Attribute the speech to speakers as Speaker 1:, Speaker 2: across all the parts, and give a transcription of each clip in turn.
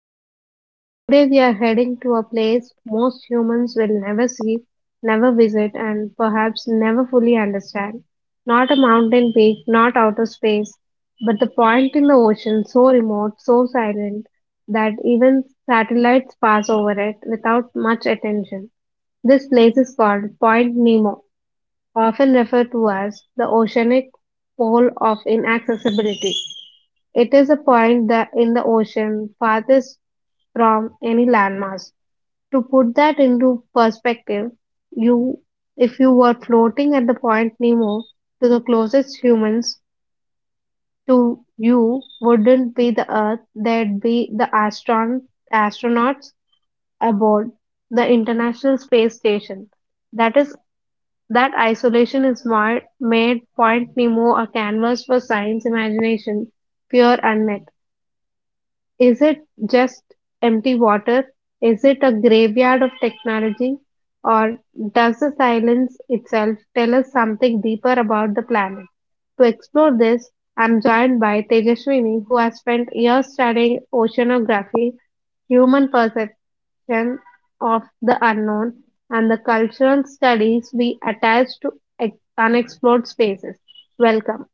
Speaker 1: podcast. Today we are heading to a place most humans will never see, never visit, and perhaps never fully understand. Not a mountain peak, not outer space, but the point in the ocean so remote, so silent that even satellites pass over it without much attention. This place is called Point Nemo, often referred to as the oceanic pole of inaccessibility. It is a point that in the ocean farthest from any landmass. To put that into perspective, you if you were floating at the point Nemo to the closest humans to you wouldn't be the Earth, they would be the astronauts aboard the International Space Station. That is that isolation is made Point Nemo a canvas for science imagination, pure unmet. Is it just empty water? Is it a graveyard of technology? Or does the silence itself tell us something deeper about the planet? To explore this, I'm joined by Tejaswini, who has spent years studying oceanography, human perception of the unknown, and the cultural studies we attach to unexplored spaces. Welcome.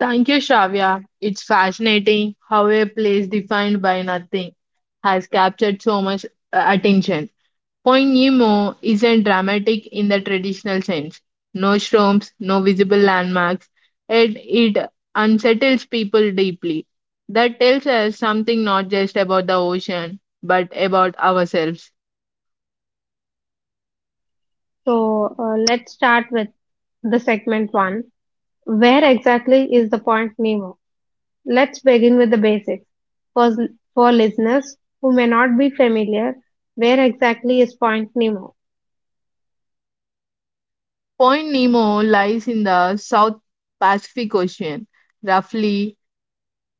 Speaker 2: Thank you, Shravya. It's fascinating how a place defined by nothing has captured so much attention. Point Nemo isn't dramatic in the traditional sense. No shrooms, no visible landmarks, and it unsettles people deeply. That tells us something not just about the ocean, but about ourselves.
Speaker 1: So, let's start with the segment one. Where exactly is the Point Nemo? Let's begin with the basics. For, for listeners who may not be familiar, where exactly is Point Nemo?
Speaker 2: Point Nemo lies in the South Pacific Ocean, roughly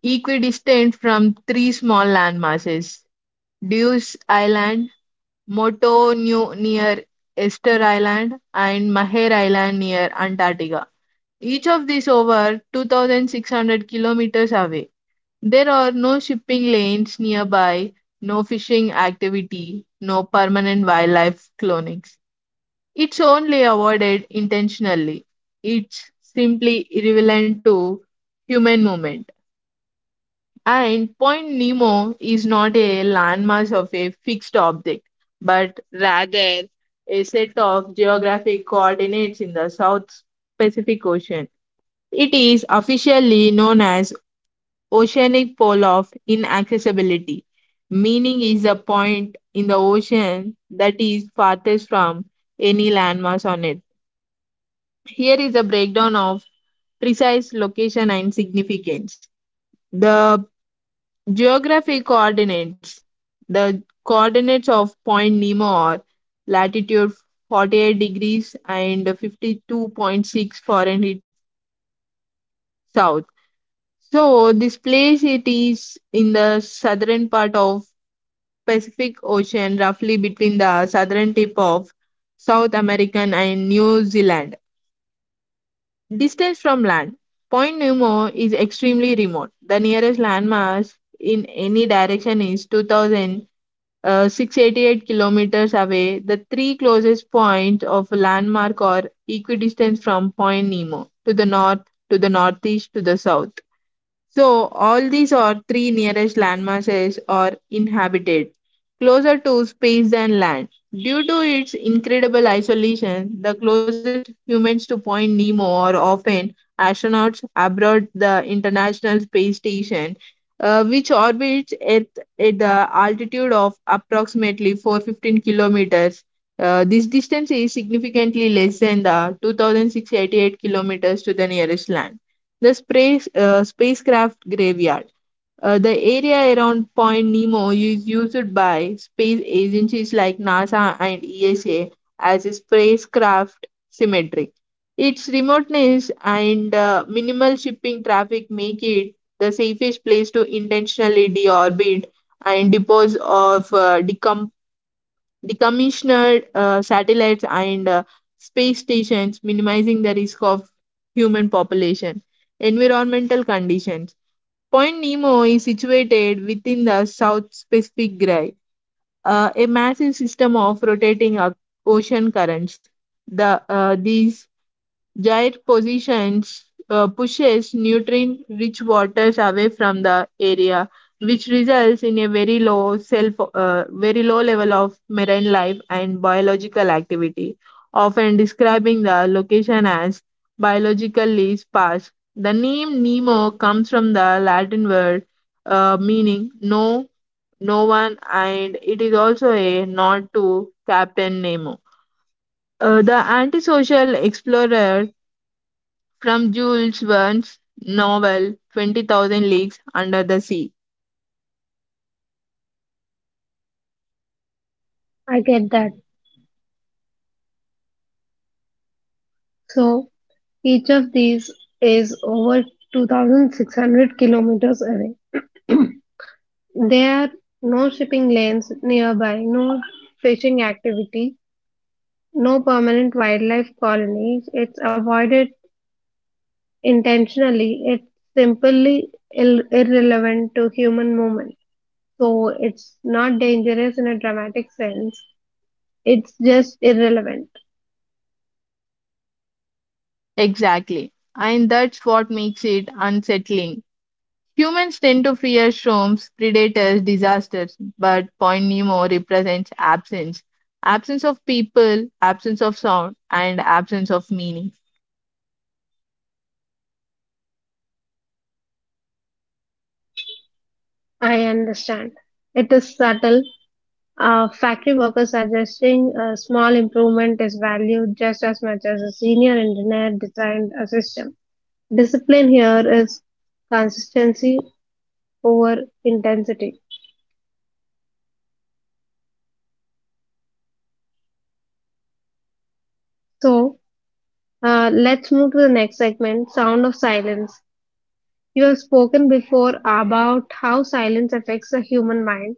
Speaker 2: equidistant from three small landmasses Deuce Island, Moto Nu near Esther Island, and Maher Island near Antarctica. Each of these over 2,600 kilometers away. There are no shipping lanes nearby, no fishing activity, no permanent wildlife clonings. It's only avoided intentionally. It's simply irrelevant to human movement. And Point Nemo is not a landmass of a fixed object, but rather a set of geographic coordinates in the South Pacific Ocean. It is officially known as Oceanic Pole of Inaccessibility, meaning is the point in the ocean that is farthest from any landmass on it. Here is a breakdown of precise location and significance. The Geography coordinates. The coordinates of Point Nemo are latitude 48 degrees and 52.6 Fahrenheit south. So this place it is in the southern part of Pacific Ocean, roughly between the southern tip of South American and New Zealand. Distance from land. Point Nemo is extremely remote. The nearest landmass in any direction is 2,000. 688 kilometers away, the three closest points of landmark are equidistant from Point Nemo to the north, to the northeast, to the south. So all these or three nearest landmasses are inhabited, closer to space than land. Due to its incredible isolation, the closest humans to Point Nemo are often astronauts aboard the International Space Station, which orbits Earth at the altitude of approximately 415 kilometers. This distance is significantly less than the 2,688 kilometers to the nearest land. The spacecraft graveyard. The area around Point Nemo is used by space agencies like NASA and ESA as a spacecraft cemetery. Its remoteness and minimal shipping traffic make it the safest place to intentionally deorbit and dispose of the commissioned satellites and space stations, minimizing the risk of human population. Environmental conditions. Point Nemo is situated within the South Pacific Gyre, a massive system of rotating ocean currents. These Giant positions pushes nutrient-rich waters away from the area, which results in a very low level of marine life and biological activity, often describing the location as biologically sparse. The name Nemo comes from the Latin word meaning no one, and it is also a nod to Captain Nemo. The antisocial explorer from Jules Verne's novel 20,000 Leagues Under the Sea.
Speaker 1: I get that. So each of these is over 2600 kilometers away. There are no shipping lanes nearby, no fishing activity, no permanent wildlife colonies. It's avoided intentionally. It's simply irrelevant to human movement. So it's not dangerous in a dramatic sense. It's just irrelevant.
Speaker 2: Exactly. And that's what makes it unsettling. Humans tend to fear storms, predators, disasters, but Point Nemo represents absence. Absence of people, absence of sound, and absence of meaning.
Speaker 1: I understand. It is subtle. Factory workers suggesting a small improvement is valued just as much as a senior engineer designed a system. Discipline here is consistency over intensity. So, let's move to the next segment sound of silence. You have spoken before about how silence affects the human mind.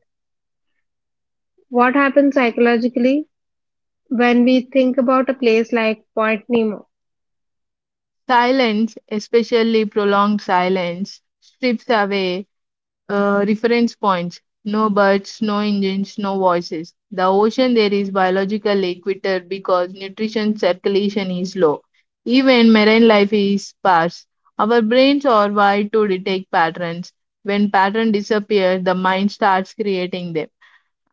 Speaker 1: What happens psychologically when we think about a place like Point Nemo?
Speaker 2: Silence, especially prolonged silence, strips away reference points. No birds, no engines, no voices. The ocean there is biological equator because nutrition circulation is low. Even marine life is sparse. Our brains are wired to detect patterns. When pattern disappears, the mind starts creating them.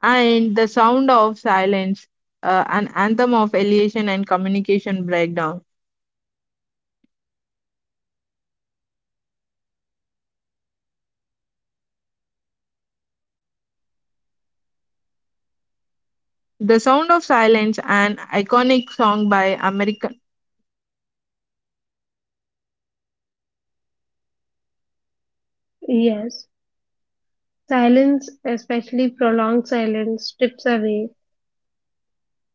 Speaker 2: And the sound of silence, an anthem of alienation and communication breakdown. The Sound of Silence, an iconic song by American
Speaker 1: Yes, silence, especially prolonged silence, strips away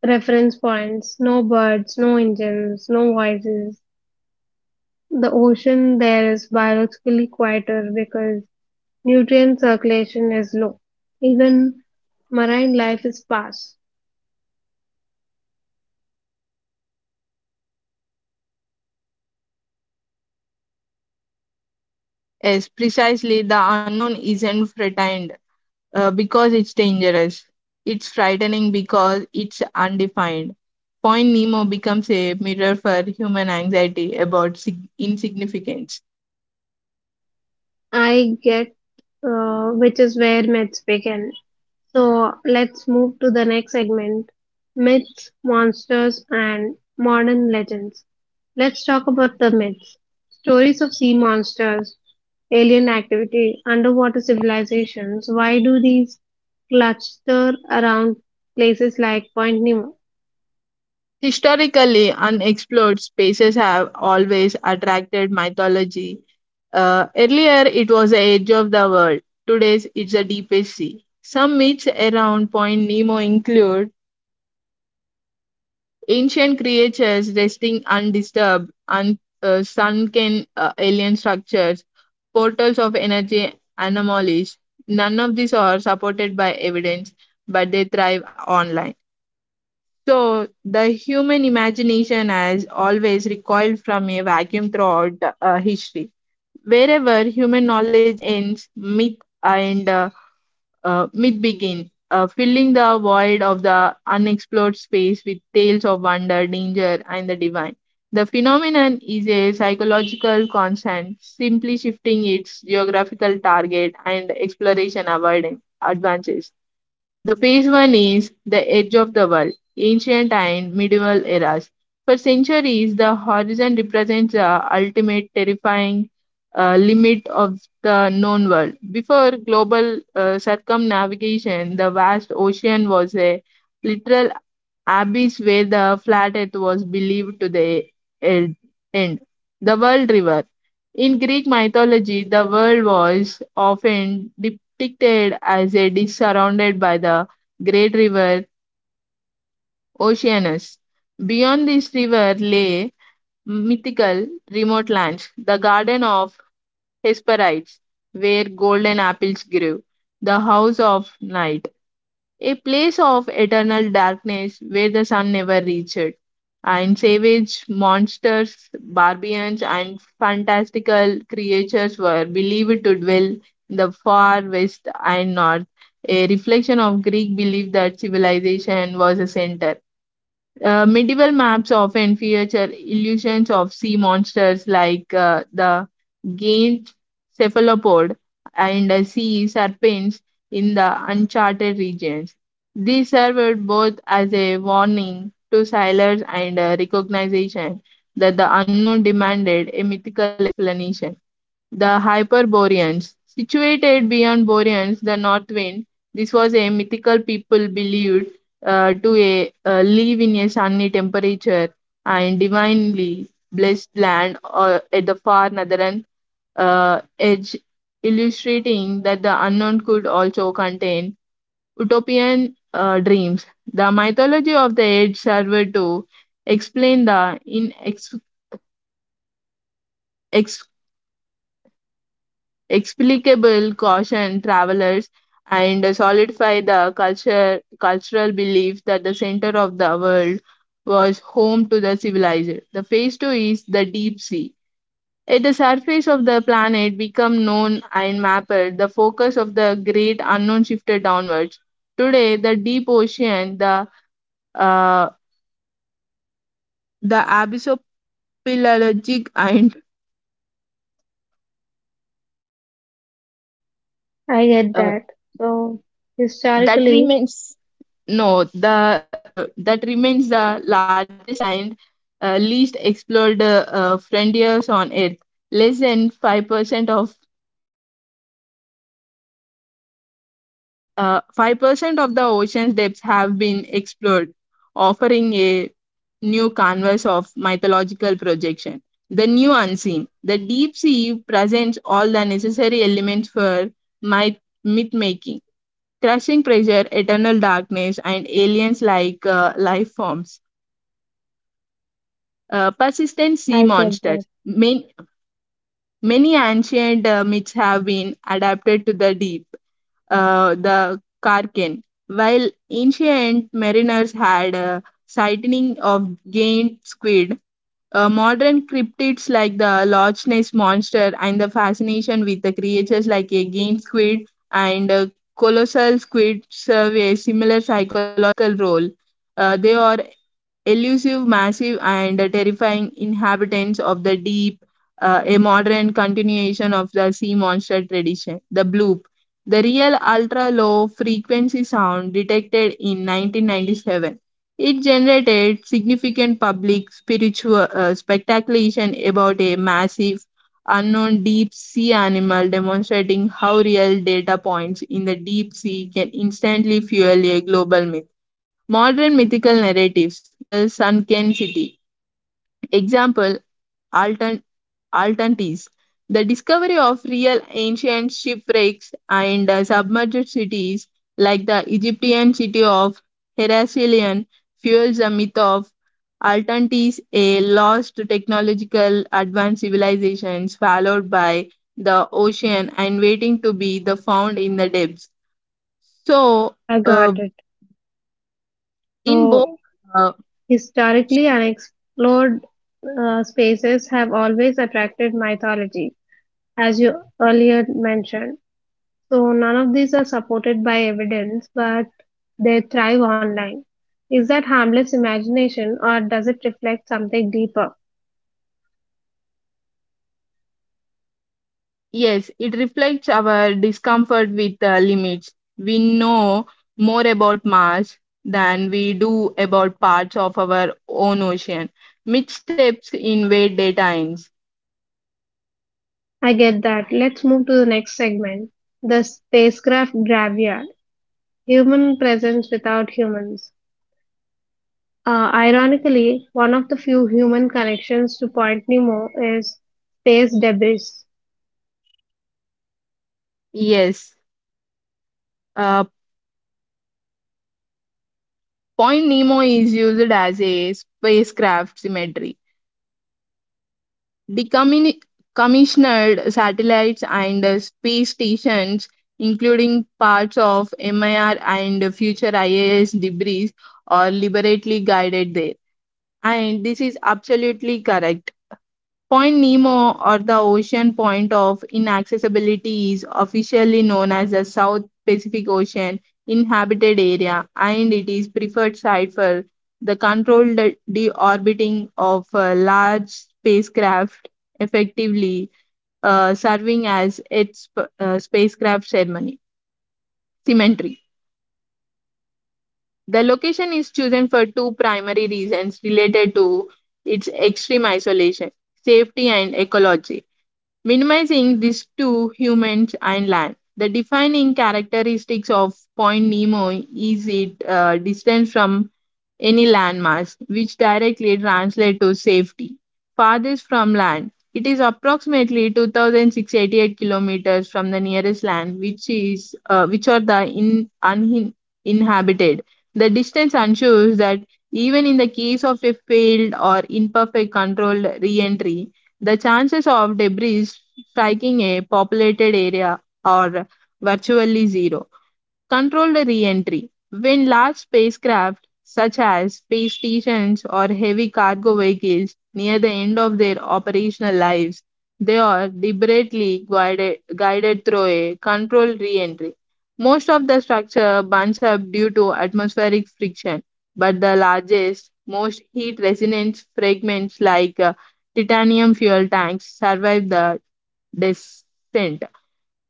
Speaker 1: reference points, no birds, no engines, no voices. The ocean there is biologically quieter because nutrient circulation is low. Even marine life is sparse.
Speaker 2: Yes, precisely. The unknown isn't threatened because it's dangerous. It's frightening because it's undefined. Point Nemo becomes a mirror for human anxiety about insignificance.
Speaker 1: I get Which is where myths begin. So let's move to the next segment myths, monsters, and modern legends. Let's talk about the myths. Stories of sea monsters, alien activity, underwater civilizations. Why do these cluster around places like Point Nemo?
Speaker 2: Historically, unexplored spaces have always attracted mythology. Earlier, it was the edge of the world. Today, it's the deepest sea. Some myths around Point Nemo include Ancient creatures resting undisturbed, sunken alien structures, portals of energy anomalies. None of these are supported by evidence, but they thrive online. So, the human imagination has always recoiled from a vacuum throughout history. Wherever human knowledge ends, myth begin, filling the void of the unexplored space with tales of wonder, danger, and the divine. The phenomenon is a psychological constant, simply shifting its geographical target and exploration avoidance advances. The phase one is the edge of the world, ancient and medieval eras. For centuries, the horizon represents the ultimate terrifying limit of the known world. Before global circumnavigation, the vast ocean was a literal abbeys where the flat earth was believed to the e- end. The world river. In Greek mythology, the world was often depicted as a disk surrounded by the great river Oceanus. Beyond this river lay mythical remote lands, the Garden of Hesperides, where golden apples grew, the House of Night a place of eternal darkness where the sun never reached, and savage monsters, barbarians, and fantastical creatures were believed to dwell in the far west and north, a reflection of Greek belief that civilization was a center. Medieval maps often feature illusions of sea monsters like the giant cephalopod and sea serpents in the uncharted regions. These served both as a warning to sailors and a recognition that the unknown demanded a mythical explanation. The Hyperboreans. Situated beyond Boreans, the north wind, this was a mythical people believed live in a sunny temperature and divinely blessed land or at the far northern edge, illustrating that the unknown could also contain utopian dreams. The mythology of the age served to explain the ex- explicable caution travelers and solidify the cultural belief that the center of the world was home to the civilized. The phase two is the deep sea. At the surface of the planet become known and mapped, the focus of the great unknown shifted downwards. Today, the deep ocean, uh, the abyssopelagic and
Speaker 1: I get
Speaker 2: uh,
Speaker 1: that. So,
Speaker 2: that
Speaker 1: historically,
Speaker 2: remains No, the that remains the largest and least explored frontiers on Earth. Less than five percent of 5% of the ocean's depths have been explored, offering a new canvas of mythological projection. The new unseen, the deep sea presents all the necessary elements for myth myth making, crushing pressure, eternal darkness, and aliens like life forms persistent sea
Speaker 1: I get
Speaker 2: monsters.
Speaker 1: that.
Speaker 2: Many ancient myths have been adapted to the deep, the Karken. While ancient mariners had a sighting of giant squid, modern cryptids like the Loch Ness monster and the fascination with the creatures like a giant squid and colossal squid serve a similar psychological role. They are elusive, massive, and terrifying inhabitants of the deep, a modern continuation of the sea monster tradition. The bloop. The real ultra low frequency sound detected in 1997. It generated significant public spiritual speculation about a massive, unknown deep sea animal, demonstrating how real data points in the deep sea can instantly fuel a global myth. Modern mythical narratives, the sunken city. Example, Altan, Altantis. The discovery of real ancient shipwrecks and submerged cities like the Egyptian city of Heraclion fuels the myth of Altantis, a lost technological advanced civilization swallowed by the ocean and waiting to be the found in the depths. So,
Speaker 1: I
Speaker 2: uh,
Speaker 1: got it.
Speaker 2: in both
Speaker 1: So,
Speaker 2: uh,
Speaker 1: historically, unexplored spaces have always attracted mythology, as you earlier mentioned. So none of these are supported by evidence, but they thrive online. Is that harmless imagination or does it reflect something deeper?
Speaker 2: Yes, it reflects our discomfort with limits. We know more about Mars than we do about parts of our own ocean. Missteps in where data ends.
Speaker 1: I get that. Let's move to the next segment the spacecraft graveyard human presence without humans. Ironically, one of the few human connections to Point Nemo is space debris.
Speaker 2: Yes, uh, Point Nemo is used as a spacecraft symmetry. Decommissioned satellites and space stations, including parts of MIR and future ISS debris, are liberately guided there. And this is absolutely correct. Point Nemo or the ocean point of inaccessibility is officially known as the South Pacific Ocean inhabited area and it is preferred site for the controlled deorbiting of large spacecraft effectively serving as its spacecraft ceremony cemetery The location is chosen for two primary reasons related to its extreme isolation safety and ecology. Minimizing these two humans and land. The defining characteristics of Point Nemo is its distance from any landmass, which directly translates to safety. Farthest from land, it is approximately 2,688 kilometers from the nearest land, which are the uninhabited. The distance ensures that even in the case of a failed or imperfect controlled re-entry, the chances of debris striking a populated area are virtually zero. Controlled re-entry: When large spacecraft, such as space stations or heavy cargo vehicles, near the end of their operational lives, they are deliberately guided through a controlled re-entry. Most of the structure burns up due to atmospheric friction, but the largest, most heat resistant fragments like titanium fuel tanks survive the descent.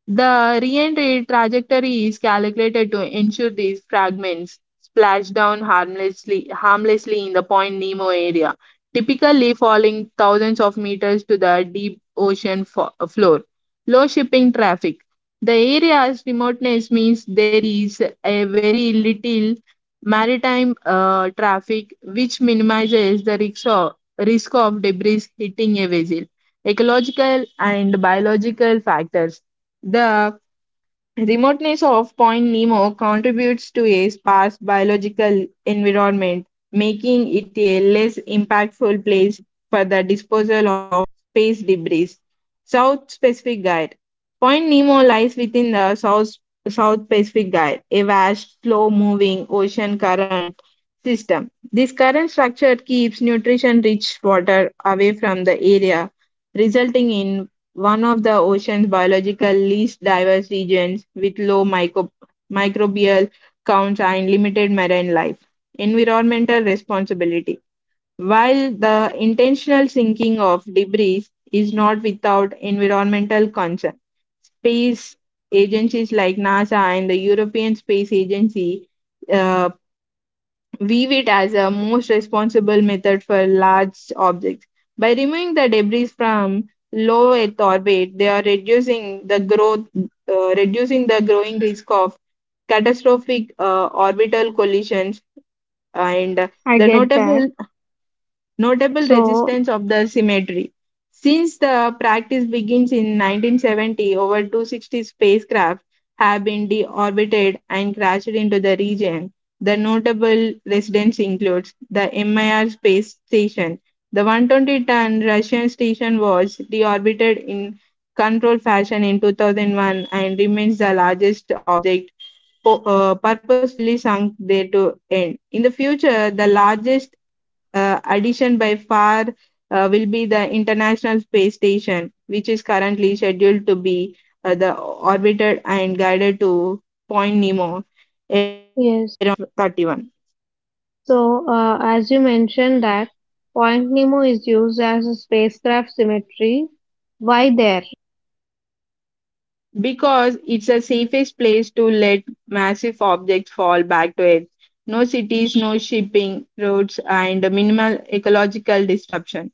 Speaker 2: The re-entry trajectory is calculated to ensure these fragments splash down harmlessly in the Point Nemo area, typically falling thousands of meters to the deep ocean floor. Low shipping traffic. The area's remoteness means there is a very little maritime traffic, which minimizes the risk of debris hitting a vessel. Ecological and biological factors. The remoteness of Point Nemo contributes to a sparse biological environment, making it a less impactful place for the disposal of space debris. South Pacific Gyre. Point Nemo lies within the South Pacific Gyre, a vast, slow moving ocean current system. This current structure keeps nutrition rich water away from the area, resulting in one of the ocean's biological least diverse regions with low microbial counts and limited marine life. Environmental responsibility. While the intentional sinking of debris is not without environmental concern, space agencies like NASA and the European Space Agency uh, weave it as a most responsible method for large objects. By removing the debris from low Earth orbit, they are reducing the growing risk of catastrophic orbital collisions. And
Speaker 1: I
Speaker 2: the
Speaker 1: get that.
Speaker 2: notable
Speaker 1: So,
Speaker 2: resistance of the cemetery. Since the practice begins in 1970, over 260 spacecraft have been deorbited and crashed into the region. The notable residents includes the MIR space station. The 120-ton Russian station was deorbited in controlled fashion in 2001 and remains the largest object purposefully sunk there to end. In the future, the largest addition by far will be the International Space Station, which is currently scheduled to be the orbited and guided to Point Nemo around
Speaker 1: yes.
Speaker 2: 2031,
Speaker 1: So, as you mentioned that Point Nemo is used as a spacecraft cemetery, why there?
Speaker 2: because it's the safest place to let massive objects fall back to Earth. No cities, no shipping routes, and minimal ecological disruption.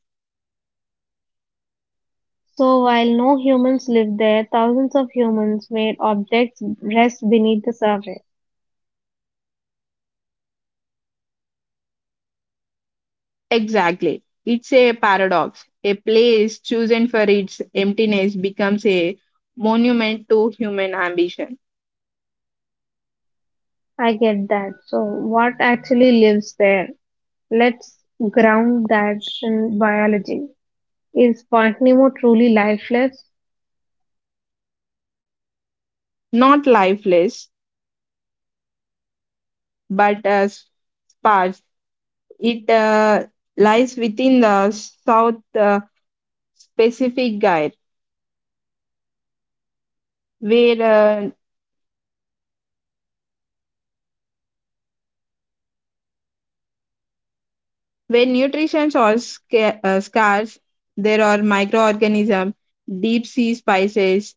Speaker 1: So, while no humans lived there, thousands of humans made objects rest beneath the surface.
Speaker 2: Exactly. It's a paradox. A place chosen for its emptiness becomes a monument to human ambition.
Speaker 1: I get that. So, what actually lives there? Let's ground that in biology. Is Point Nemo truly lifeless?
Speaker 2: Not lifeless, but as sparse. It lies within the South Pacific Gyre, where when nutrition is scarce, there are microorganisms, deep sea spices,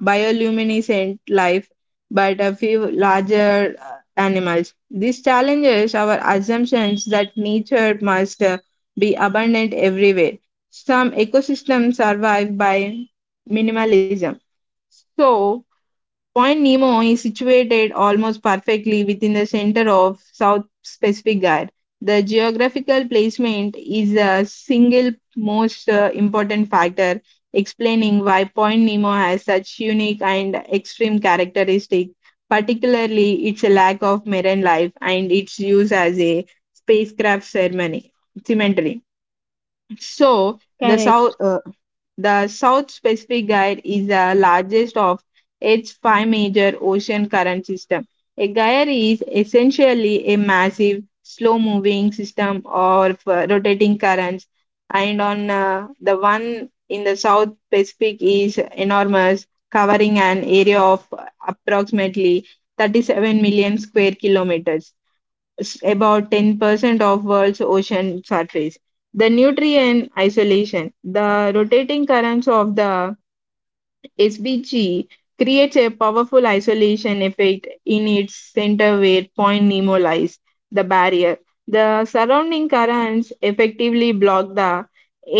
Speaker 2: bioluminescent life, but a few larger animals. This challenges our assumptions that nature must be abundant everywhere. Some ecosystems survive by minimalism. So, Point Nemo is situated almost perfectly within the center of South Pacific Gyre. The geographical placement is a single most important factor explaining why Point Nemo has such unique and extreme characteristics, particularly its lack of marine life and its use as a spacecraft cemetery. So the
Speaker 1: Correct.
Speaker 2: South Pacific Gyre is the largest of its five major ocean current system. A gyre is essentially a massive, slow-moving system of rotating currents, and on the one in the South Pacific is enormous, covering an area of approximately 37 million square kilometers, about 10% of world's ocean surface. The nutrient isolation, the rotating currents of the SBG creates a powerful isolation effect in its center where Point Nemo lies, the barrier. The surrounding currents effectively block the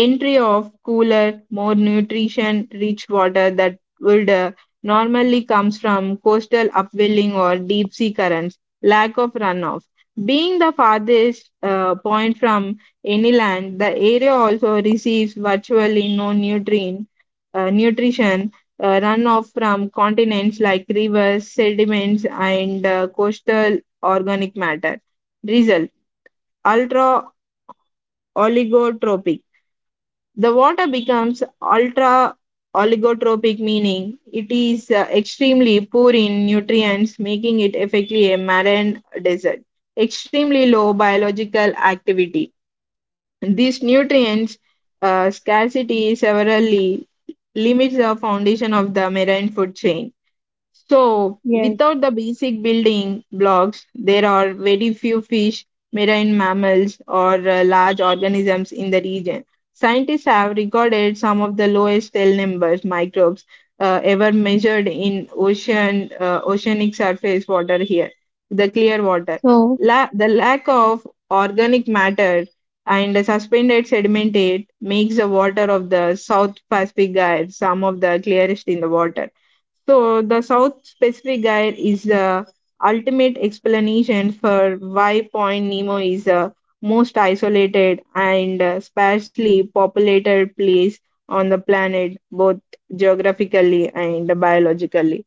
Speaker 2: entry of cooler, more nutrition rich water that would normally comes from coastal upwelling or deep sea currents. Lack of runoff. Being the farthest point from any land, the area also receives virtually no nutrient nutrition runoff from continents like rivers, sediments, and coastal organic matter. Result: ultra oligotropic. The water becomes ultra oligotropic, meaning it is extremely poor in nutrients, making it effectively a marine desert. Extremely low biological activity. These nutrients scarcity severely limits the foundation of the marine food chain. So,
Speaker 1: Yes.
Speaker 2: without the basic building blocks, there are very few fish, marine mammals, or large organisms in the region. Scientists have recorded some of the lowest cell numbers microbes ever measured in oceanic surface water here, the clear water.
Speaker 1: So,
Speaker 2: The lack of organic matter and the suspended sedimentate makes the water of the South Pacific Gyre some of the clearest in the water. So, the South Pacific Guide is the ultimate explanation for why Point Nemo is the most isolated and sparsely populated place on the planet, both geographically and biologically.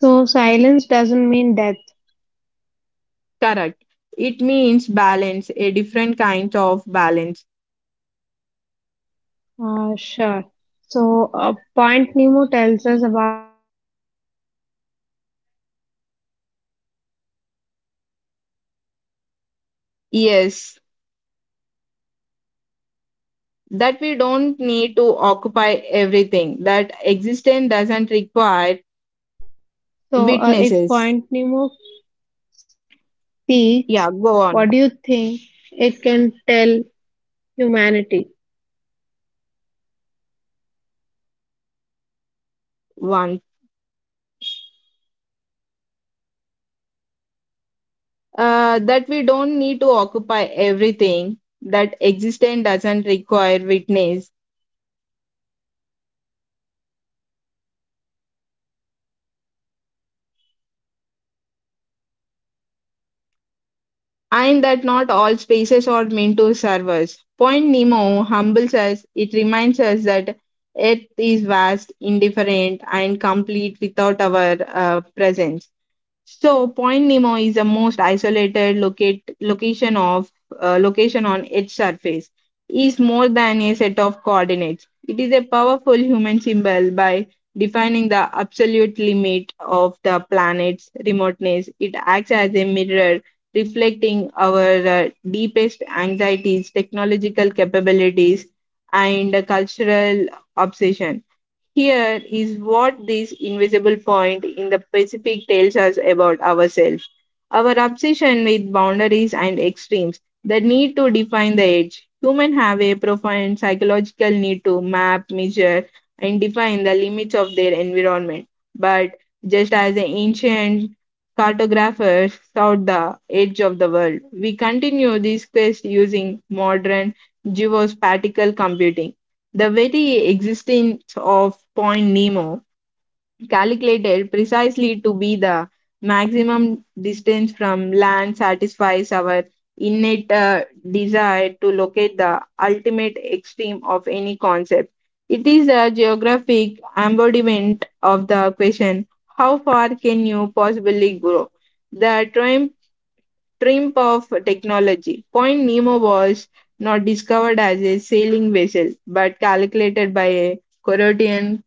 Speaker 1: so silence doesn't mean death.
Speaker 2: Correct. It means balance, a different kind of balance.
Speaker 1: Sure. So, Point Nemo tells us about ourselves in philosophy, in a philosophical reflection. If Point Nemo
Speaker 2: Yes,
Speaker 1: could speak, what do you think
Speaker 2: that we
Speaker 1: it would
Speaker 2: don't
Speaker 1: be
Speaker 2: need to
Speaker 1: telling
Speaker 2: occupy
Speaker 1: humanity?
Speaker 2: everything, that existence doesn't require
Speaker 1: So, if
Speaker 2: witnesses.
Speaker 1: Point Nemo speaks,
Speaker 2: Yeah, go
Speaker 1: what
Speaker 2: on.
Speaker 1: do you think it can tell humanity?
Speaker 2: One. That we don't need to occupy everything, that existence doesn't require witness, and that not all spaces are meant to serve us. Point Nemo humbles us, it reminds us that Earth is vast, indifferent, and complete without our presence. So, Point Nemo is the most isolated locate, location of location on its surface. Is more than a set of coordinates. It is a powerful human symbol by defining the absolute limit of the planet's remoteness. It acts as a mirror reflecting our deepest anxieties, technological capabilities, and cultural obsession. Here is what this invisible point in the Pacific tells us about ourselves: our obsession with boundaries and extremes, the need to define the edge. Humans have a profound psychological need to map, measure, and define the limits of their environment. But just as the ancient cartographers sought the edge of the world, we continue this quest using modern geospatial computing. The very existence of Point Nemo, calculated precisely to be the maximum distance from land, satisfies our innate desire to locate the ultimate extreme of any concept. It is a geographic embodiment of the question: how far can you possibly go? The triumph of technology. Point Nemo was not discovered as a sailing vessel, but calculated by a Corothian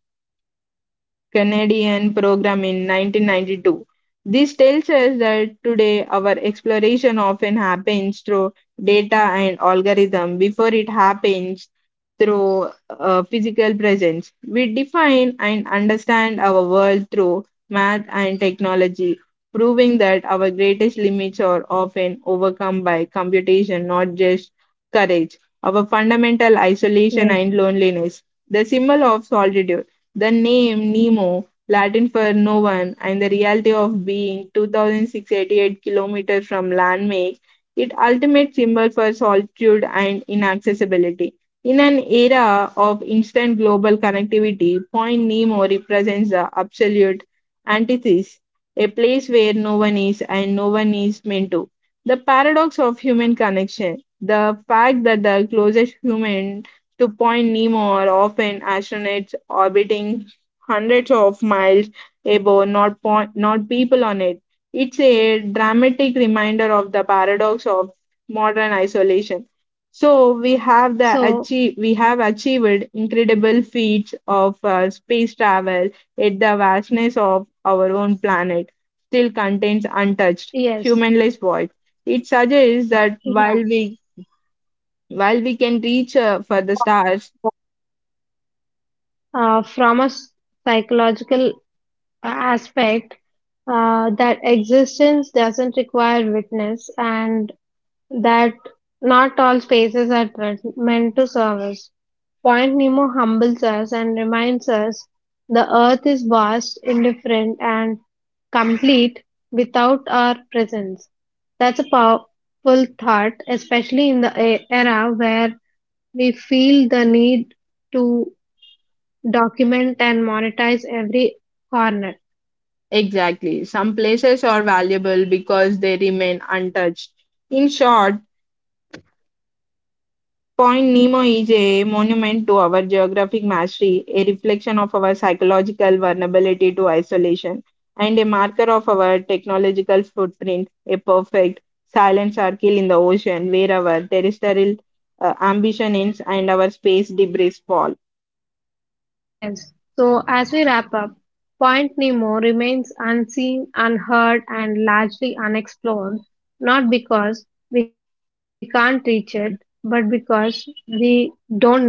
Speaker 2: Canadian program in 1992. This tells us that today our exploration often happens through data and algorithm before it happens through physical presence. We define and understand our world through math and technology, proving that our greatest limits are often overcome by computation, not just courage. Our fundamental isolation
Speaker 1: Yes.
Speaker 2: and loneliness, the symbol of solitude, the name Nemo, Latin for no one, and the reality of being 2688 kilometers from land make it ultimate symbol for solitude and inaccessibility. In an era of instant global connectivity, Point Nemo represents the absolute antithesis, a place where no one is and no one is meant to. The paradox of human connection, the fact that the closest human to Point Nemo are often astronauts orbiting hundreds of miles above, not, not people on it. It's a dramatic reminder of the paradox of modern isolation. So we have
Speaker 1: So,
Speaker 2: achieved incredible feats of space travel, yet the vastness of our own planet still contains untouched,
Speaker 1: yes.
Speaker 2: humanless void. It suggests that
Speaker 1: Yeah.
Speaker 2: while we can reach for the stars.
Speaker 1: From a psychological aspect that existence doesn't require witness and that not all spaces are meant to serve us. Point Nemo humbles us and reminds us the earth is vast, indifferent, and complete without our presence. That's a powerful thought, especially in the era where we feel the need to document and monetize every corner.
Speaker 2: Exactly. Some places are valuable because they remain untouched. In short, Point Nemo is a monument to our geographic mastery, a reflection of our psychological vulnerability to isolation, and a marker of our technological footprint, a perfect silent circle in the ocean where our terrestrial ambition ends and our space debris fall.
Speaker 1: Yes. So as we wrap up, Point Nemo remains unseen, unheard, and largely unexplored, not because we can't reach it, but because we don't need to.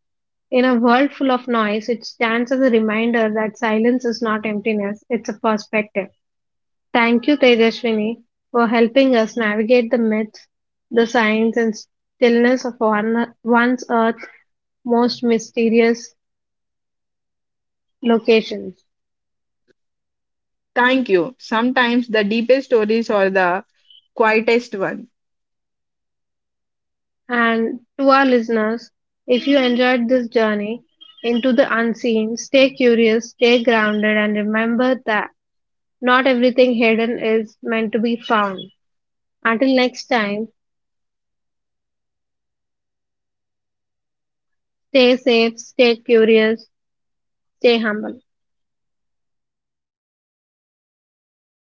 Speaker 1: In a world full of noise, it stands as a reminder that silence is not emptiness, it's a perspective. Thank you, Tejaswini, for helping us navigate the myths, the science, and stillness of one's earth most mysterious locations.
Speaker 2: Thank you. Sometimes the deepest stories are the quietest ones.
Speaker 1: And to our listeners, if you enjoyed this journey into the unseen, stay curious, stay grounded, and remember that not everything hidden is meant to be found. Until next time, stay safe, stay curious, stay humble.